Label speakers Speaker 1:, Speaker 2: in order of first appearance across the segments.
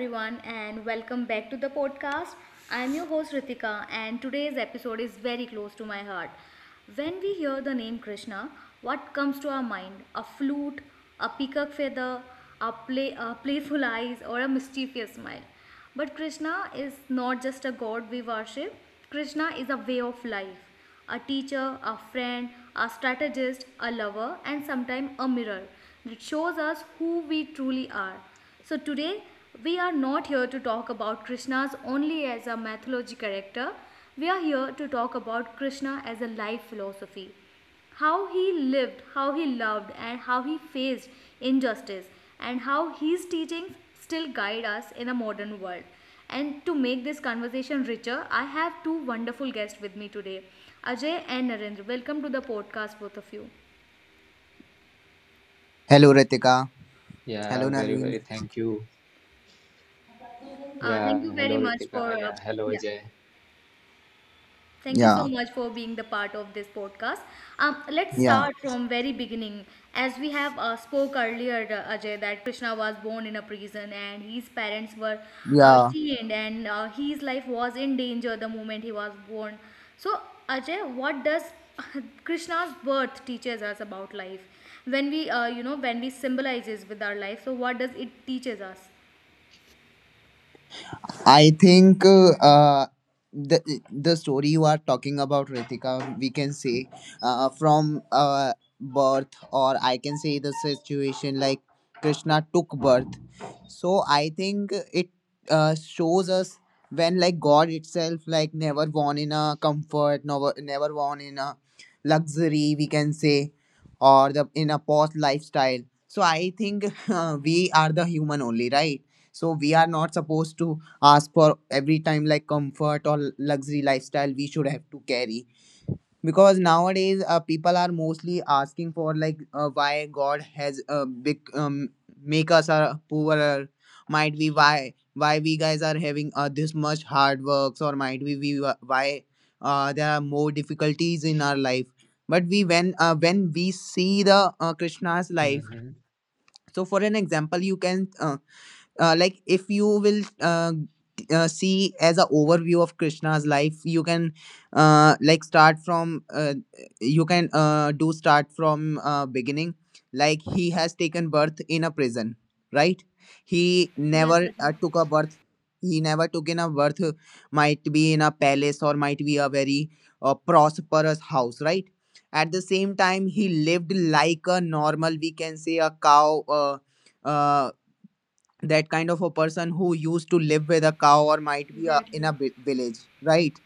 Speaker 1: everyone, and welcome back to the podcast. I'm your host Ritika, and today's episode is very close to my heart. When we hear the name Krishna, what comes to our mind? A flute, a peacock feather, a playful eyes, or a mischievous smile. But Krishna is not just a god we worship, Krishna is a way of life, a teacher, a friend, a strategist, a lover, and sometimes a mirror. It shows us who we truly are. So today, we are not here to talk about Krishna's only as a mythology character. We are here to talk about Krishna as a life philosophy, how he lived, how he loved, and how he faced injustice, and how his teachings still guide us in a modern world. And to make this conversation richer, I have two wonderful guests with me today, Ajay and Narendra. Welcome to the podcast, both of you.
Speaker 2: Hello Ritika.
Speaker 3: Yeah,
Speaker 2: Hello
Speaker 3: very,
Speaker 2: Naveen.
Speaker 3: very. Thank you. Yeah,
Speaker 1: Thank you very
Speaker 3: hello
Speaker 1: much
Speaker 3: Ritika.
Speaker 1: for.
Speaker 3: Yeah, hello
Speaker 1: Yeah.
Speaker 3: Ajay.
Speaker 1: Thank you so
Speaker 2: Yeah,
Speaker 1: much for being the part of this podcast. Let's
Speaker 2: yeah,
Speaker 1: start from very beginning. As we have spoke earlier, Ajay, that Krishna was born in a prison and his parents were
Speaker 2: yeah.
Speaker 1: chained and his life was in danger the moment he was born. So, Ajay, what does Krishna's birth teaches us about life? When we, when we symbolizes with our life, so what does it teaches us?
Speaker 2: I think, the the story you are talking about, Ritika, we can say, from birth, or I can say the situation like Krishna took birth. So I think it shows us when like God itself like never born in a comfort, never born in a luxury, we can say, or the in a post lifestyle. So I think we are the human only, right? So we are not supposed to ask for every time like comfort or luxury lifestyle we should have to carry, because nowadays people are mostly asking for like why god has big make us poorer, might be why we guys are having this much hard works, or might be we why there are more difficulties in our life, but we when we see the Krishna's life.
Speaker 3: hmm
Speaker 2: So for an example you can like if you will see as a overview of Krishna's life, you can like start from you can do start from beginning, like he has taken birth in a prison, right? He
Speaker 1: Yes,
Speaker 2: never
Speaker 1: Ajay.
Speaker 2: took a birth he never took in a birth, might be in a palace or might be a very prosperous house, right? At the same time he lived like a normal, we can say, a cow uh, that kind of a person who used to live with a cow, or might be a, in a
Speaker 1: Exactly.
Speaker 2: village, right?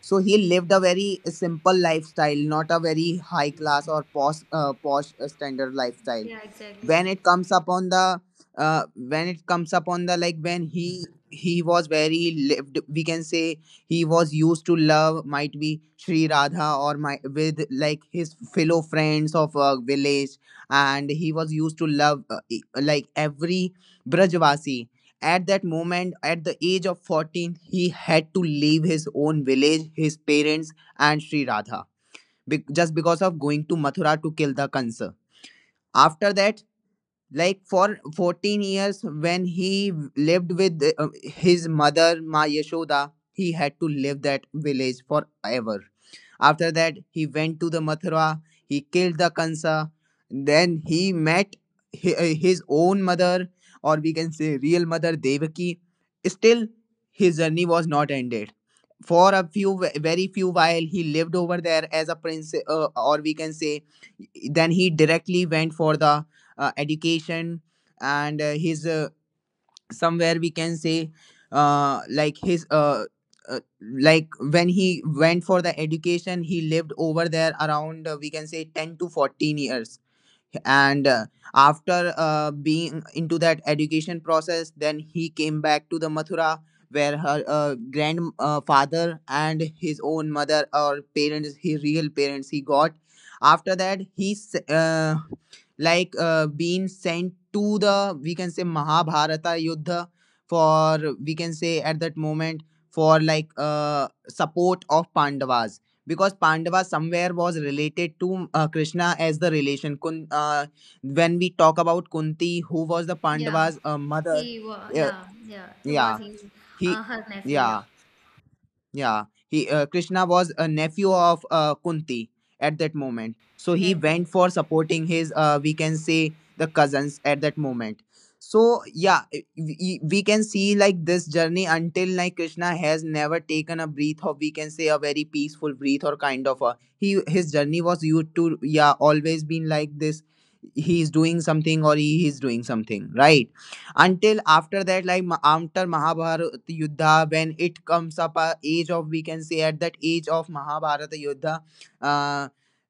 Speaker 2: So he lived a very simple lifestyle, not a very high class or posh standard lifestyle.
Speaker 1: Yeah, exactly.
Speaker 2: When it comes upon the, like when he was very lived, we can say he was used to love, might be Sri Radha, or my, with like his fellow friends of a village, and he was used to love like every Brajvasi at that moment. At the age of 14 he had to leave his own village, his parents, and Sri Radha, just because of going to Mathura to kill the Kansa. After that, like for 14 years when he lived with his mother Ma Yashoda, he had to live that village forever. After that he went to the Mathura, he killed the Kansa, then he met his own mother, or we can say real mother Devaki. Still his journey was not ended. For a few, very few while he lived over there as a prince, or we can say, then he directly went for the education, and his somewhere we can say like his uh, like when he went for the education, he lived over there around we can say 10 to 14 years. And after being into that education process, then he came back to the Mathura where her grandfather, father, and his own mother or parents, his real parents, he got. After that, he like being sent to the, we can say, Mahabharata Yuddha for, we can say, at that moment for like support of Pandavas, because Pandava somewhere was related to Krishna as the relation. When we talk about Kunti, who was the
Speaker 1: Yeah,
Speaker 2: Pandava's mother.
Speaker 1: he was.
Speaker 2: Uh,
Speaker 1: Yeah, yeah, he was.
Speaker 2: yeah, he,
Speaker 1: Her nephew. Yeah,
Speaker 2: yeah, yeah, he Krishna was a nephew of Kunti at that moment, so
Speaker 1: yeah,
Speaker 2: he
Speaker 1: exactly.
Speaker 2: went for supporting his we can say the cousins at that moment. So yeah, we can see, like, this journey, until like Krishna has never taken a breath, or we can say a very peaceful breath, or kind of a, he his journey was used to, yeah, always been like this. He is doing something, or he is doing something, right? Until after that, like, after Mahabharata Yuddha, when it comes up a age of, we can say, at that age of Mahabharata Yuddha, uh,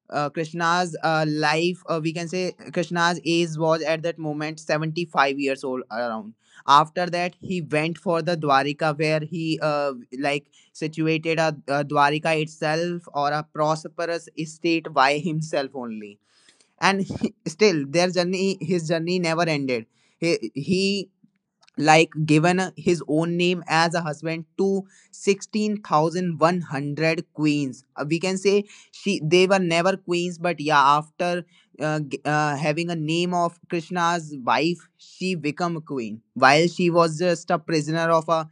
Speaker 2: Krishna's life, we can say Krishna's age was at that moment 75 years old around. After that, he went for the Dwarika, where he like situated a, Dwarika itself, or a prosperous estate by himself only. And still, their journey, his journey never ended. He like given his own name as a husband to 16,100 queens. We can say she, they were never queens, but yeah, after having a name of Krishna's wife, she become a queen, while she was just a prisoner of a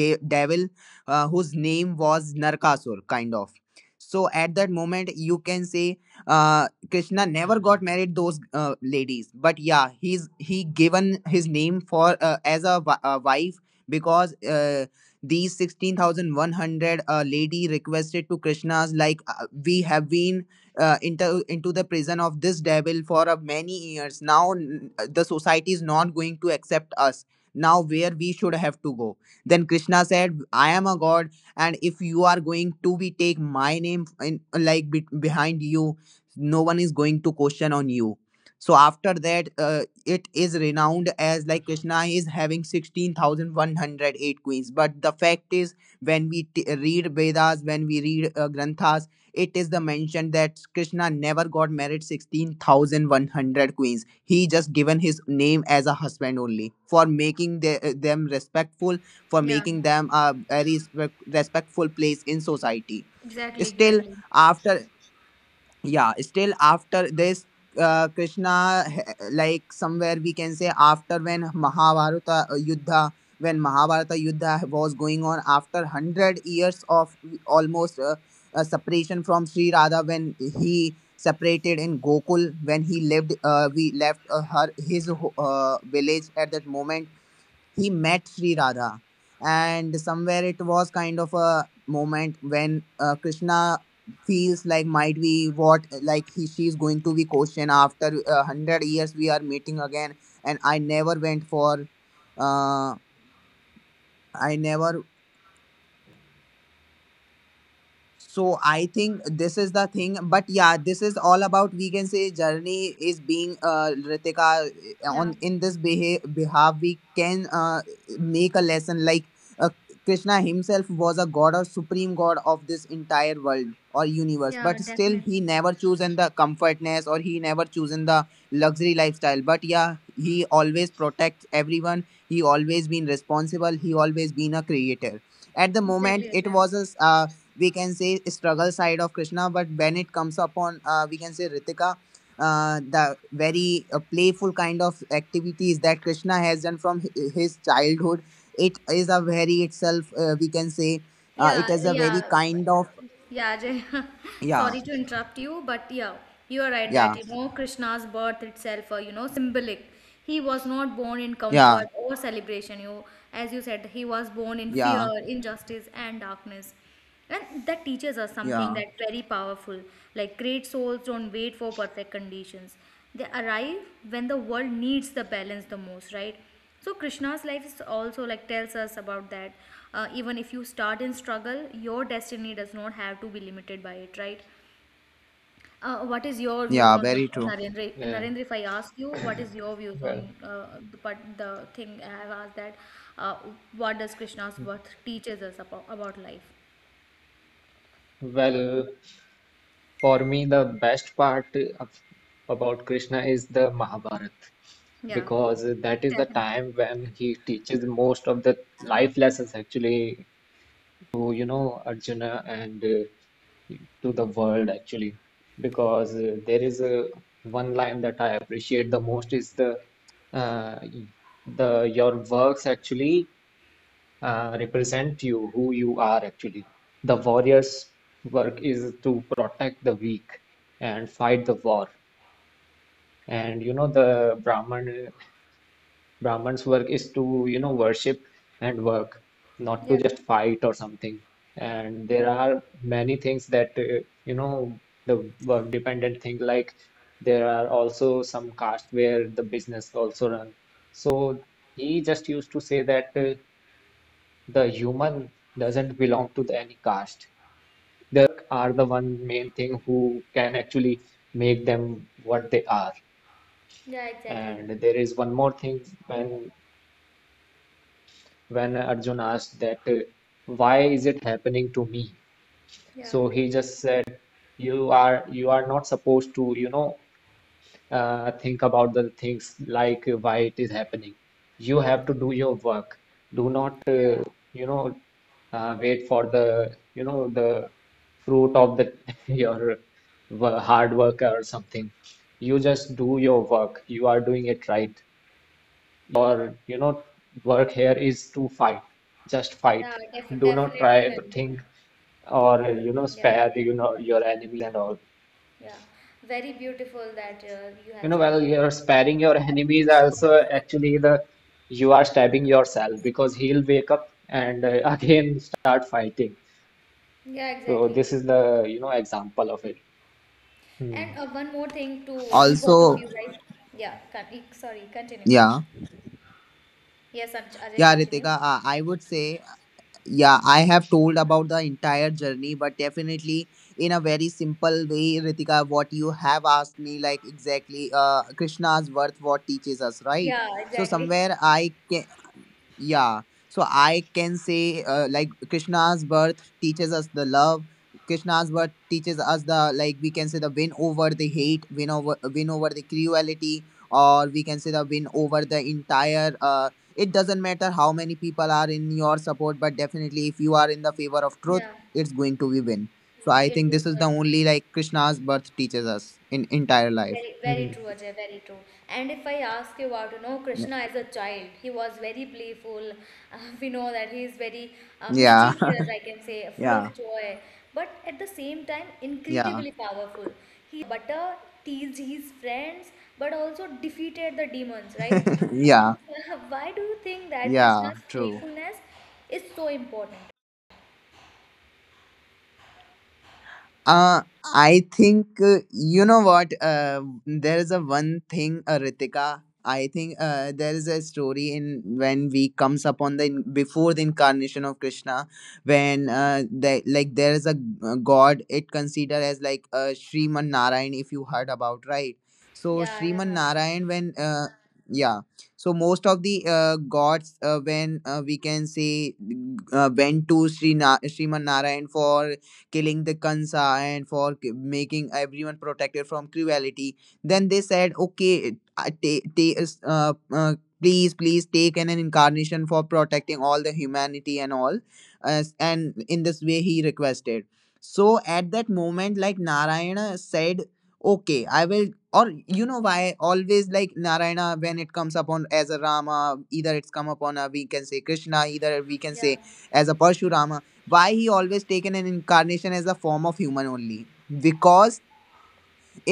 Speaker 2: devil whose name was Narkasur kind of. So at that moment you can say uh, Krishna never got married those ladies, but yeah, he given his name for as a wife, because these 16,100 lady requested to Krishna's, like, we have been into the prison of this devil for many years now. The society is not going to accept us now, where we should have to go. Then Krishna said, I am a god, and if you are going to be take my name in, like, behind you, no one is going to question on you. So after that it is renowned as like Krishna is having 16,108 queens, but the fact is when we read Vedas, when we read granthas, it is the mention that Krishna never got married 16,100 queens, he just given his name as a husband only for making them respectful, for
Speaker 1: Yeah,
Speaker 2: making them a very respectful place in society.
Speaker 1: exactly,
Speaker 2: Still
Speaker 1: exactly.
Speaker 2: after, yeah, still after this, Krishna, like somewhere we can say, after when Mahabharata Yuddha, when Mahabharata Yuddha was going on, after 100 years of almost separation from Sri Radha, when he separated in Gokul, when he lived, we left her, his village, at that moment he met Sri Radha, and somewhere it was kind of a moment when Krishna feels like, might be what, like he she's going to be questioned, after 100 years we are meeting again, and I never went for, uh, I never. So I think this is the thing, but yeah, this is all about, we can say, journey is being, Ritika,
Speaker 1: Yeah,
Speaker 2: on in this behalf we can make a lesson, like uh, Krishna himself was a god or supreme god of this entire world or universe,
Speaker 1: yeah,
Speaker 2: but still he
Speaker 1: definitely.
Speaker 2: never chosen the comfortness, or he never chosen the luxury lifestyle. But yeah, he always protects everyone. He always been responsible. He always been a creator. At the moment
Speaker 1: Exactly,
Speaker 2: it
Speaker 1: Ajay.
Speaker 2: was a, we can say, struggle side of Krishna, but when it comes upon, we can say Ritika, the very playful kind of activities that Krishna has done from his childhood, it is a very itself, we can say,
Speaker 1: Yeah,
Speaker 2: it is a very
Speaker 1: yeah,
Speaker 2: kind of.
Speaker 1: yeah, Ajay.
Speaker 2: Yeah,
Speaker 1: Sorry to interrupt you, but yeah, you are right that
Speaker 2: yeah,
Speaker 1: you know Krishna's birth itself, symbolic. He was not born in
Speaker 2: yeah,
Speaker 1: comfort or celebration. You, as you said, he was born in fear,
Speaker 2: yeah,
Speaker 1: injustice, and darkness. And that teaches us something
Speaker 2: yeah,
Speaker 1: that very powerful. Like great souls don't wait for perfect conditions. They arrive when the world needs the balance the most, right? So Krishna's life is also like tells us about that. Even if you start in struggle, your destiny does not have to be limited by it, right? What is your views
Speaker 2: yeah,
Speaker 1: on it,
Speaker 2: very true
Speaker 1: Narendra?
Speaker 3: Yeah,
Speaker 1: Narendra, if I ask you, what is your views on
Speaker 3: well,
Speaker 1: part, the thing I have asked that? Uh, what does Krishna's birth teaches us about life?
Speaker 3: well, for me, the best part of, about Krishna is the Mahabharata,
Speaker 1: Yeah,
Speaker 3: because that is the
Speaker 1: definitely.
Speaker 3: time when he teaches most of the life lessons actually to, you know, Arjuna and to the world actually, because there is a one line that I appreciate the most is uh, the your works actually represent you, who you are actually. The warrior's work is to protect the weak and fight the war. And you know, the Brahman's work is to, you know, worship and work, not to
Speaker 1: Yeah,
Speaker 3: just fight or something. And there are many things that, you know, the work dependent thing, like there are also some caste where the business also run. So he just used to say that. The human doesn't belong to any caste. Their
Speaker 1: yeah,
Speaker 3: work are the one main thing who can actually make them what they are.
Speaker 1: yeah, exactly.
Speaker 3: And there is one more thing, when Arjun asked that why is it happening to me?
Speaker 1: Yeah,
Speaker 3: So he just said, you are not supposed to, you know, think about the things like why it is happening. You have to
Speaker 1: exactly.
Speaker 3: do your work. Do not,
Speaker 1: Yeah,
Speaker 3: you know, wait for the, you know, the fruit of the your hard work or something. You just do your work. You are doing it right. Your, you know, work here is to fight. Just fight.
Speaker 1: yeah,
Speaker 3: Do not
Speaker 1: definitely,
Speaker 3: try to
Speaker 1: Nani.
Speaker 3: think or, you know,
Speaker 1: Yeah,
Speaker 3: spare, you know, your enemies and all.
Speaker 1: yeah. Very beautiful that you
Speaker 3: You
Speaker 1: have
Speaker 3: know,
Speaker 1: said
Speaker 3: while
Speaker 1: that.
Speaker 3: you're sparing your enemies, also actually the you are stabbing yourself, because he'll wake up and again start fighting.
Speaker 1: Yeah,
Speaker 3: So
Speaker 1: exactly.
Speaker 3: this is the you know example of it.
Speaker 1: And
Speaker 3: Hmm.
Speaker 1: one more thing to both of
Speaker 2: also.
Speaker 1: you guys. Yeah, sorry, continue.
Speaker 2: Yeah,
Speaker 1: Yes, Ajay,
Speaker 2: yeah,
Speaker 1: continue.
Speaker 2: Ritika, I would say. Yeah, I have told about the entire journey, but definitely in a very simple way, Ritika, what you have asked me, like exactly Krishna's worth, what teaches us, right?
Speaker 1: Yeah,
Speaker 2: So
Speaker 1: exactly.
Speaker 2: somewhere I yeah. So I can say, like, Krishna's birth teaches us the love. Krishna's birth teaches us the, like, we can say, the win over the hate, win over the cruelty, or we can say the win over the entire. It doesn't matter how many people are in your support, but definitely if you are in the favor of truth,
Speaker 1: Yeah,
Speaker 2: it's going to be win. So I
Speaker 1: it
Speaker 2: think
Speaker 1: is
Speaker 2: this is the
Speaker 1: going to be.
Speaker 2: only, like, Krishna's birth teaches us in entire life.
Speaker 1: Very, very true, Ajay, very true. And if I ask you about, you know,
Speaker 2: Yeah.
Speaker 1: Krishna as a child, he was very playful. We know that he is very
Speaker 2: Yeah.
Speaker 1: mischievous, I can say, full of
Speaker 2: Yeah.
Speaker 1: joy, but at the same time,
Speaker 2: Yeah.
Speaker 1: incredibly powerful. He stole the butter, teased his friends, but also defeated the demons, right? So,
Speaker 2: Yeah.
Speaker 1: why do you think that
Speaker 2: Yeah.
Speaker 1: Krishna's
Speaker 2: True.
Speaker 1: playfulness is so important?
Speaker 2: Uh, I think, you know what. There is a one thing, Ritika. I think there is a story in, when we comes upon the before the incarnation of Krishna, when like there is a god. It considered as like Sriman Narayan, if you heard about, right. So
Speaker 1: Yeah, I have
Speaker 2: Sriman
Speaker 1: heard.
Speaker 2: Narayan, when yeah, so most of the gods when we can say went to Sriman Narayan for killing the kansa and for making everyone protected from cruelty. Then they said, okay, please take an incarnation for protecting all the humanity and all As. And in this way he requested. So at that moment, like, Narayana said, okay, I will. Or, you know, why always like Narayana, when it comes upon as a Rama, either it's come upon a, we can say, Krishna, either we can
Speaker 1: Yeah,
Speaker 2: say as a Parshurama, why he always taken an incarnation as a form of human only? Because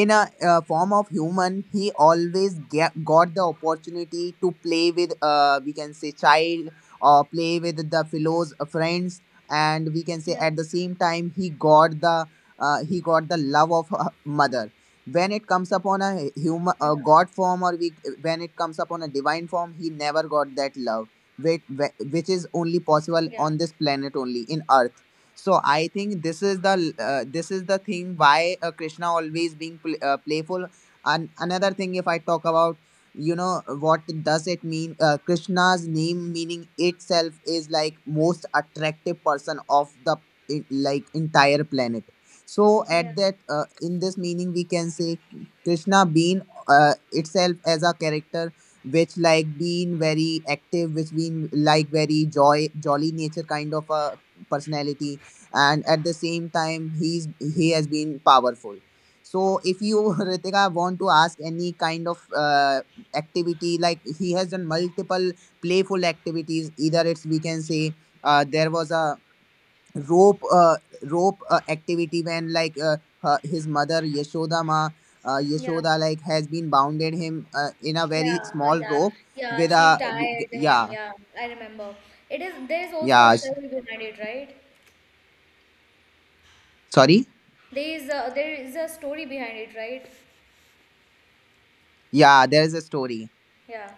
Speaker 2: in a form of human he always get, got the opportunity to play with we can say child, or play with the fellows, friends, and we can say
Speaker 1: yeah,
Speaker 2: at the same time he got the love of mother when it comes upon a human, a
Speaker 1: yeah,
Speaker 2: god form. Or we, when it comes upon a divine form, he never got that love which, which is only possible
Speaker 1: yeah,
Speaker 2: on this planet, only in earth. So I think this is the thing why Krishna always being playful. And another thing, if I talk about, you know, what does it mean, Krishna's name meaning itself is like most attractive person of the in, like entire planet. So
Speaker 1: yeah.
Speaker 2: at that in this meaning we can say Krishna being itself as a character which like being very active, which being like very joy jolly nature kind of a personality, and at the same time he has been powerful. So if you Ritika want to ask any kind of activity, like he has done multiple playful activities, either it's we can say there was a rope rope activity when like his mother Yashoda ma,
Speaker 1: Yeah,
Speaker 2: Yashoda like has been bounded him in a
Speaker 1: Yeah,
Speaker 2: very
Speaker 1: huh,
Speaker 2: small
Speaker 1: yeah,
Speaker 2: rope
Speaker 1: yeah.
Speaker 2: with a,
Speaker 1: She tired him.
Speaker 2: yeah,
Speaker 1: Yeah, I remember. It is there is also a
Speaker 2: yeah.
Speaker 1: story behind it, right?
Speaker 2: Sorry.
Speaker 1: There is a story behind it, right?
Speaker 2: Yeah, there is a story.
Speaker 1: Yeah,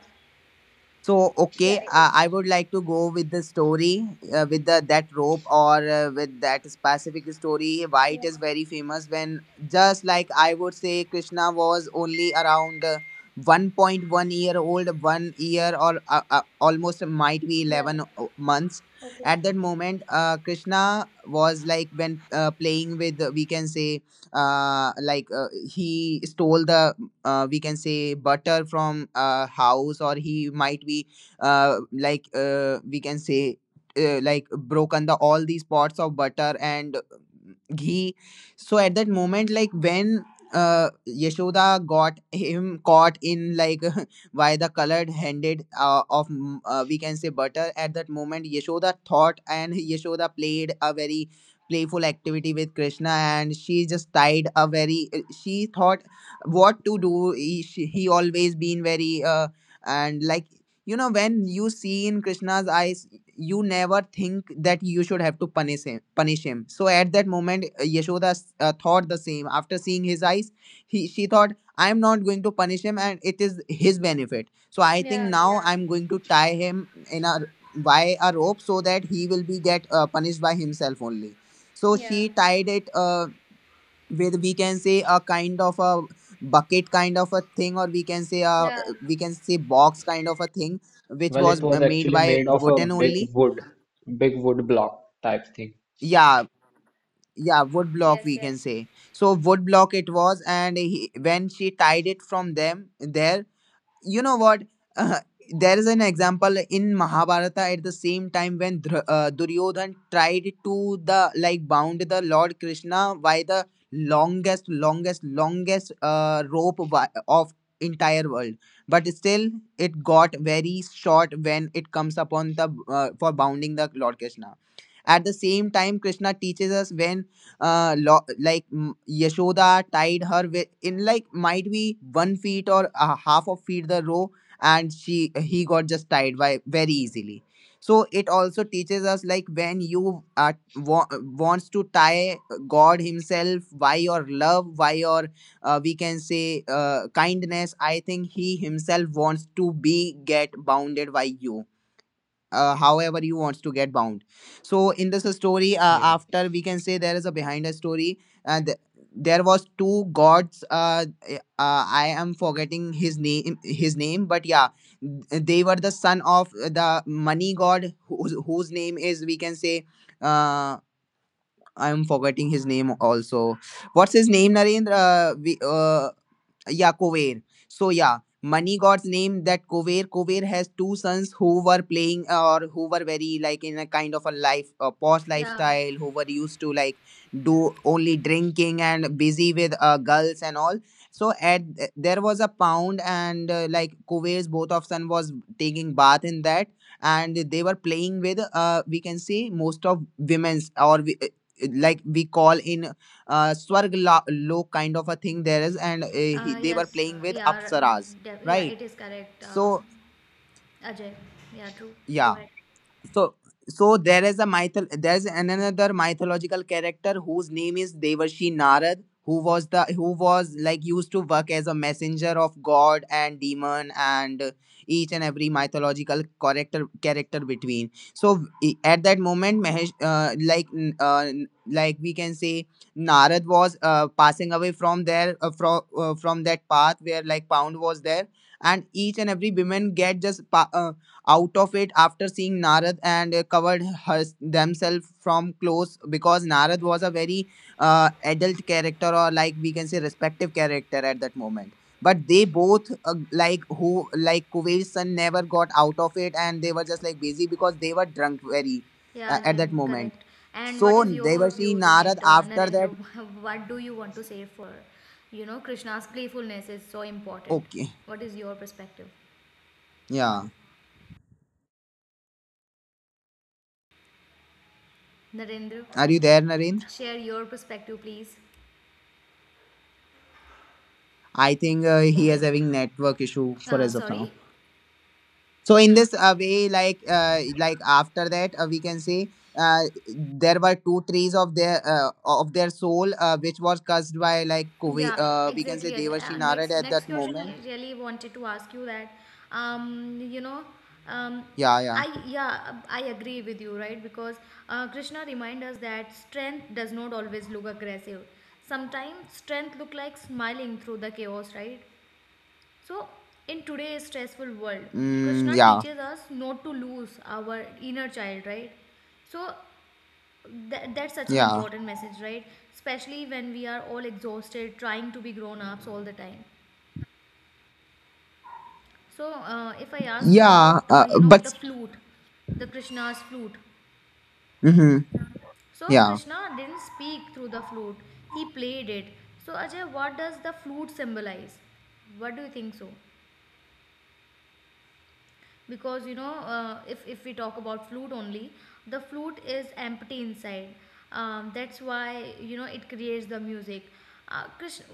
Speaker 2: So okay,
Speaker 1: yeah,
Speaker 2: I would like to go with the story with the that rope, or with that specific story. Why it
Speaker 1: yeah,
Speaker 2: is very famous when, just like, I would say Krishna was only around 1.1-year-old, 1 year or almost might be
Speaker 1: yeah.
Speaker 2: 11 months.
Speaker 1: Okay.
Speaker 2: At that moment, Krishna was like when playing with we can say he stole the, we can say, butter from a house, or he might be we can say like broken the all these pots of butter and ghee. So at that moment, like when Yashoda got him caught in like, by the colored handed we can say butter, at that moment Yashoda thought, and Yashoda played a very playful activity with Krishna. And she just tied a very she thought what to do. He always been very and like, you know, when you see in Krishna's eyes you never think that you should have to punish him. So at that moment Yashoda thought the same after seeing his eyes. He, she thought, I am not going to punish him, and it is his benefit. So I think
Speaker 1: Yeah,
Speaker 2: now
Speaker 1: yeah,
Speaker 2: I'm going to tie him in a by a rope, so that he will be get punished by himself only. So
Speaker 1: yeah,
Speaker 2: she tied it with, we can say, a kind of a bucket kind of a thing, or we can say a,
Speaker 1: yeah.
Speaker 2: we can say, box kind of a thing which
Speaker 3: Well,
Speaker 2: was
Speaker 3: it was
Speaker 2: made
Speaker 3: actually
Speaker 2: by
Speaker 3: made of a
Speaker 2: wooden only.
Speaker 3: big wood block type thing.
Speaker 2: Yeah, yeah, wood block
Speaker 1: Yes,
Speaker 2: we
Speaker 1: yes.
Speaker 2: can say. So wood block it was. And he, when she tied it from them, there, you know what, uh, there is an example in Mahabharata at the same time when Duryodhan tried to the like bound the Lord Krishna by the longest rope of entire world, but still it got very short when it comes upon the for bounding the Lord Krishna. At the same time, Krishna teaches us when, like, Yashoda tied her with in like might be 1 feet or a half of feet the row, and she he got just tied by very easily. So it also teaches us like when you wants to tie God Himself by your love, by your we can say kindness, I think he himself wants to be get bounded by you, however he wants to get bound. So in this story
Speaker 3: Yeah.
Speaker 2: after we can say there is a behind a story, and there was two gods I am forgetting his name, but yeah, they were the son of the money god whose, whose name is, we can say, uh, I'm forgetting his name also. What's his name, Narendra? Yeah, Kovair. So yeah, Money God's name that Kovair. Kovair has two sons who were playing, or who were very like in a kind of a life, a posh
Speaker 1: Yeah,
Speaker 2: lifestyle, who were used to like do only drinking and busy with girls and all. So at there was a pound, and like Kovair's both of son was taking bath in that, and they were playing with we can say most of women's, or like we call in lok kind of a thing there is, and he, they were
Speaker 1: yes,
Speaker 2: playing with
Speaker 1: yeah,
Speaker 2: apsaras,
Speaker 1: yeah,
Speaker 2: right?
Speaker 1: it is correct,
Speaker 2: So
Speaker 1: Ajay. Yeah, true. Go
Speaker 2: yeah.
Speaker 1: ahead.
Speaker 2: so so there is a myth. There's another mythological character whose name is Devashi Narad, who was the who was like used to work as a messenger of God and demon and each and every mythological character between. So at that moment, Mahesh, like like we can say Narad was passing away from there, from that path where like Pound was there, and each and every woman get just out of it after seeing Narad, and covered themselves from close, because Narad was a very adult character, or, like we can say, respective character at that moment. But they both like, who like Kuveil's son, never got out of it, and they were just like busy because they were drunk very
Speaker 1: Yeah,
Speaker 2: at that
Speaker 1: Jim,
Speaker 2: moment.
Speaker 1: correct. And what
Speaker 2: So
Speaker 1: is
Speaker 2: they were
Speaker 1: your
Speaker 2: seeing
Speaker 1: views on
Speaker 2: Narad
Speaker 1: it,
Speaker 2: after that.
Speaker 1: Narendra? What do you want to say for, you know, Krishna's playfulness is so important.
Speaker 2: Okay,
Speaker 1: What is your perspective?
Speaker 2: yeah.
Speaker 1: Narendra,
Speaker 2: Are you there, Narendra?
Speaker 1: share your perspective, please.
Speaker 2: I think he
Speaker 1: Okay.
Speaker 2: is having network issue for as of
Speaker 1: Sorry.
Speaker 2: now. So in this way, like after that, we can say uh, there were two trees of their soul, which was cursed by like
Speaker 1: Yeah,
Speaker 2: we can
Speaker 1: exactly.
Speaker 2: say
Speaker 1: Ajay.
Speaker 2: Devashi Narad at
Speaker 1: Next
Speaker 2: that
Speaker 1: question I
Speaker 2: moment.
Speaker 1: really wanted to ask you that you know um
Speaker 2: Yeah, yeah,
Speaker 1: I yeah I agree with you right because Krishna reminds us that strength does not always look aggressive. Sometimes strength look like smiling through the chaos, right? So in today's stressful world,
Speaker 2: mm,
Speaker 1: Krishna
Speaker 2: yeah,
Speaker 1: teaches us not to lose our inner child, right? So that's such an
Speaker 2: yeah,
Speaker 1: important message, right? Especially when we are all exhausted trying to be grown ups all the time. So, if I ask you
Speaker 2: yeah.
Speaker 1: about,
Speaker 2: But
Speaker 1: the flute, the Krishna's flute.
Speaker 2: mm-hmm.
Speaker 1: So,
Speaker 2: Yeah.
Speaker 1: Krishna didn't speak through the flute, he played it. So, Ajay, what does the flute symbolize? What do you think so? Because you know if we talk about flute only, the flute is empty inside, that's why you know it creates the music. Krishna,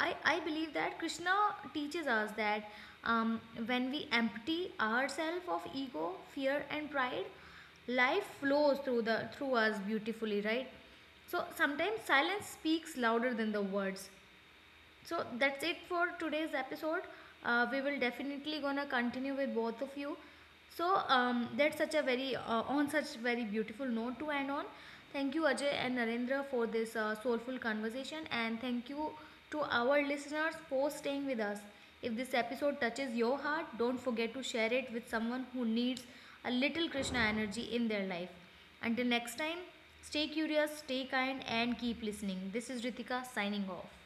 Speaker 1: I believe that Krishna teaches us that um, when we empty ourselves of ego, fear and pride, life flows through the through us beautifully, right? So sometimes silence speaks louder than the words. So that's it for today's episode. We will definitely gonna continue with both of you. So that's such a very on such very beautiful note to end on. Thank you Ajay and Narendra for this soulful conversation, and thank you to our listeners for staying with us. If this episode touches your heart, don't forget to share it with someone who needs a little Krishna energy in their life. Until next time, stay curious, stay kind and keep listening. This is Ritika signing off.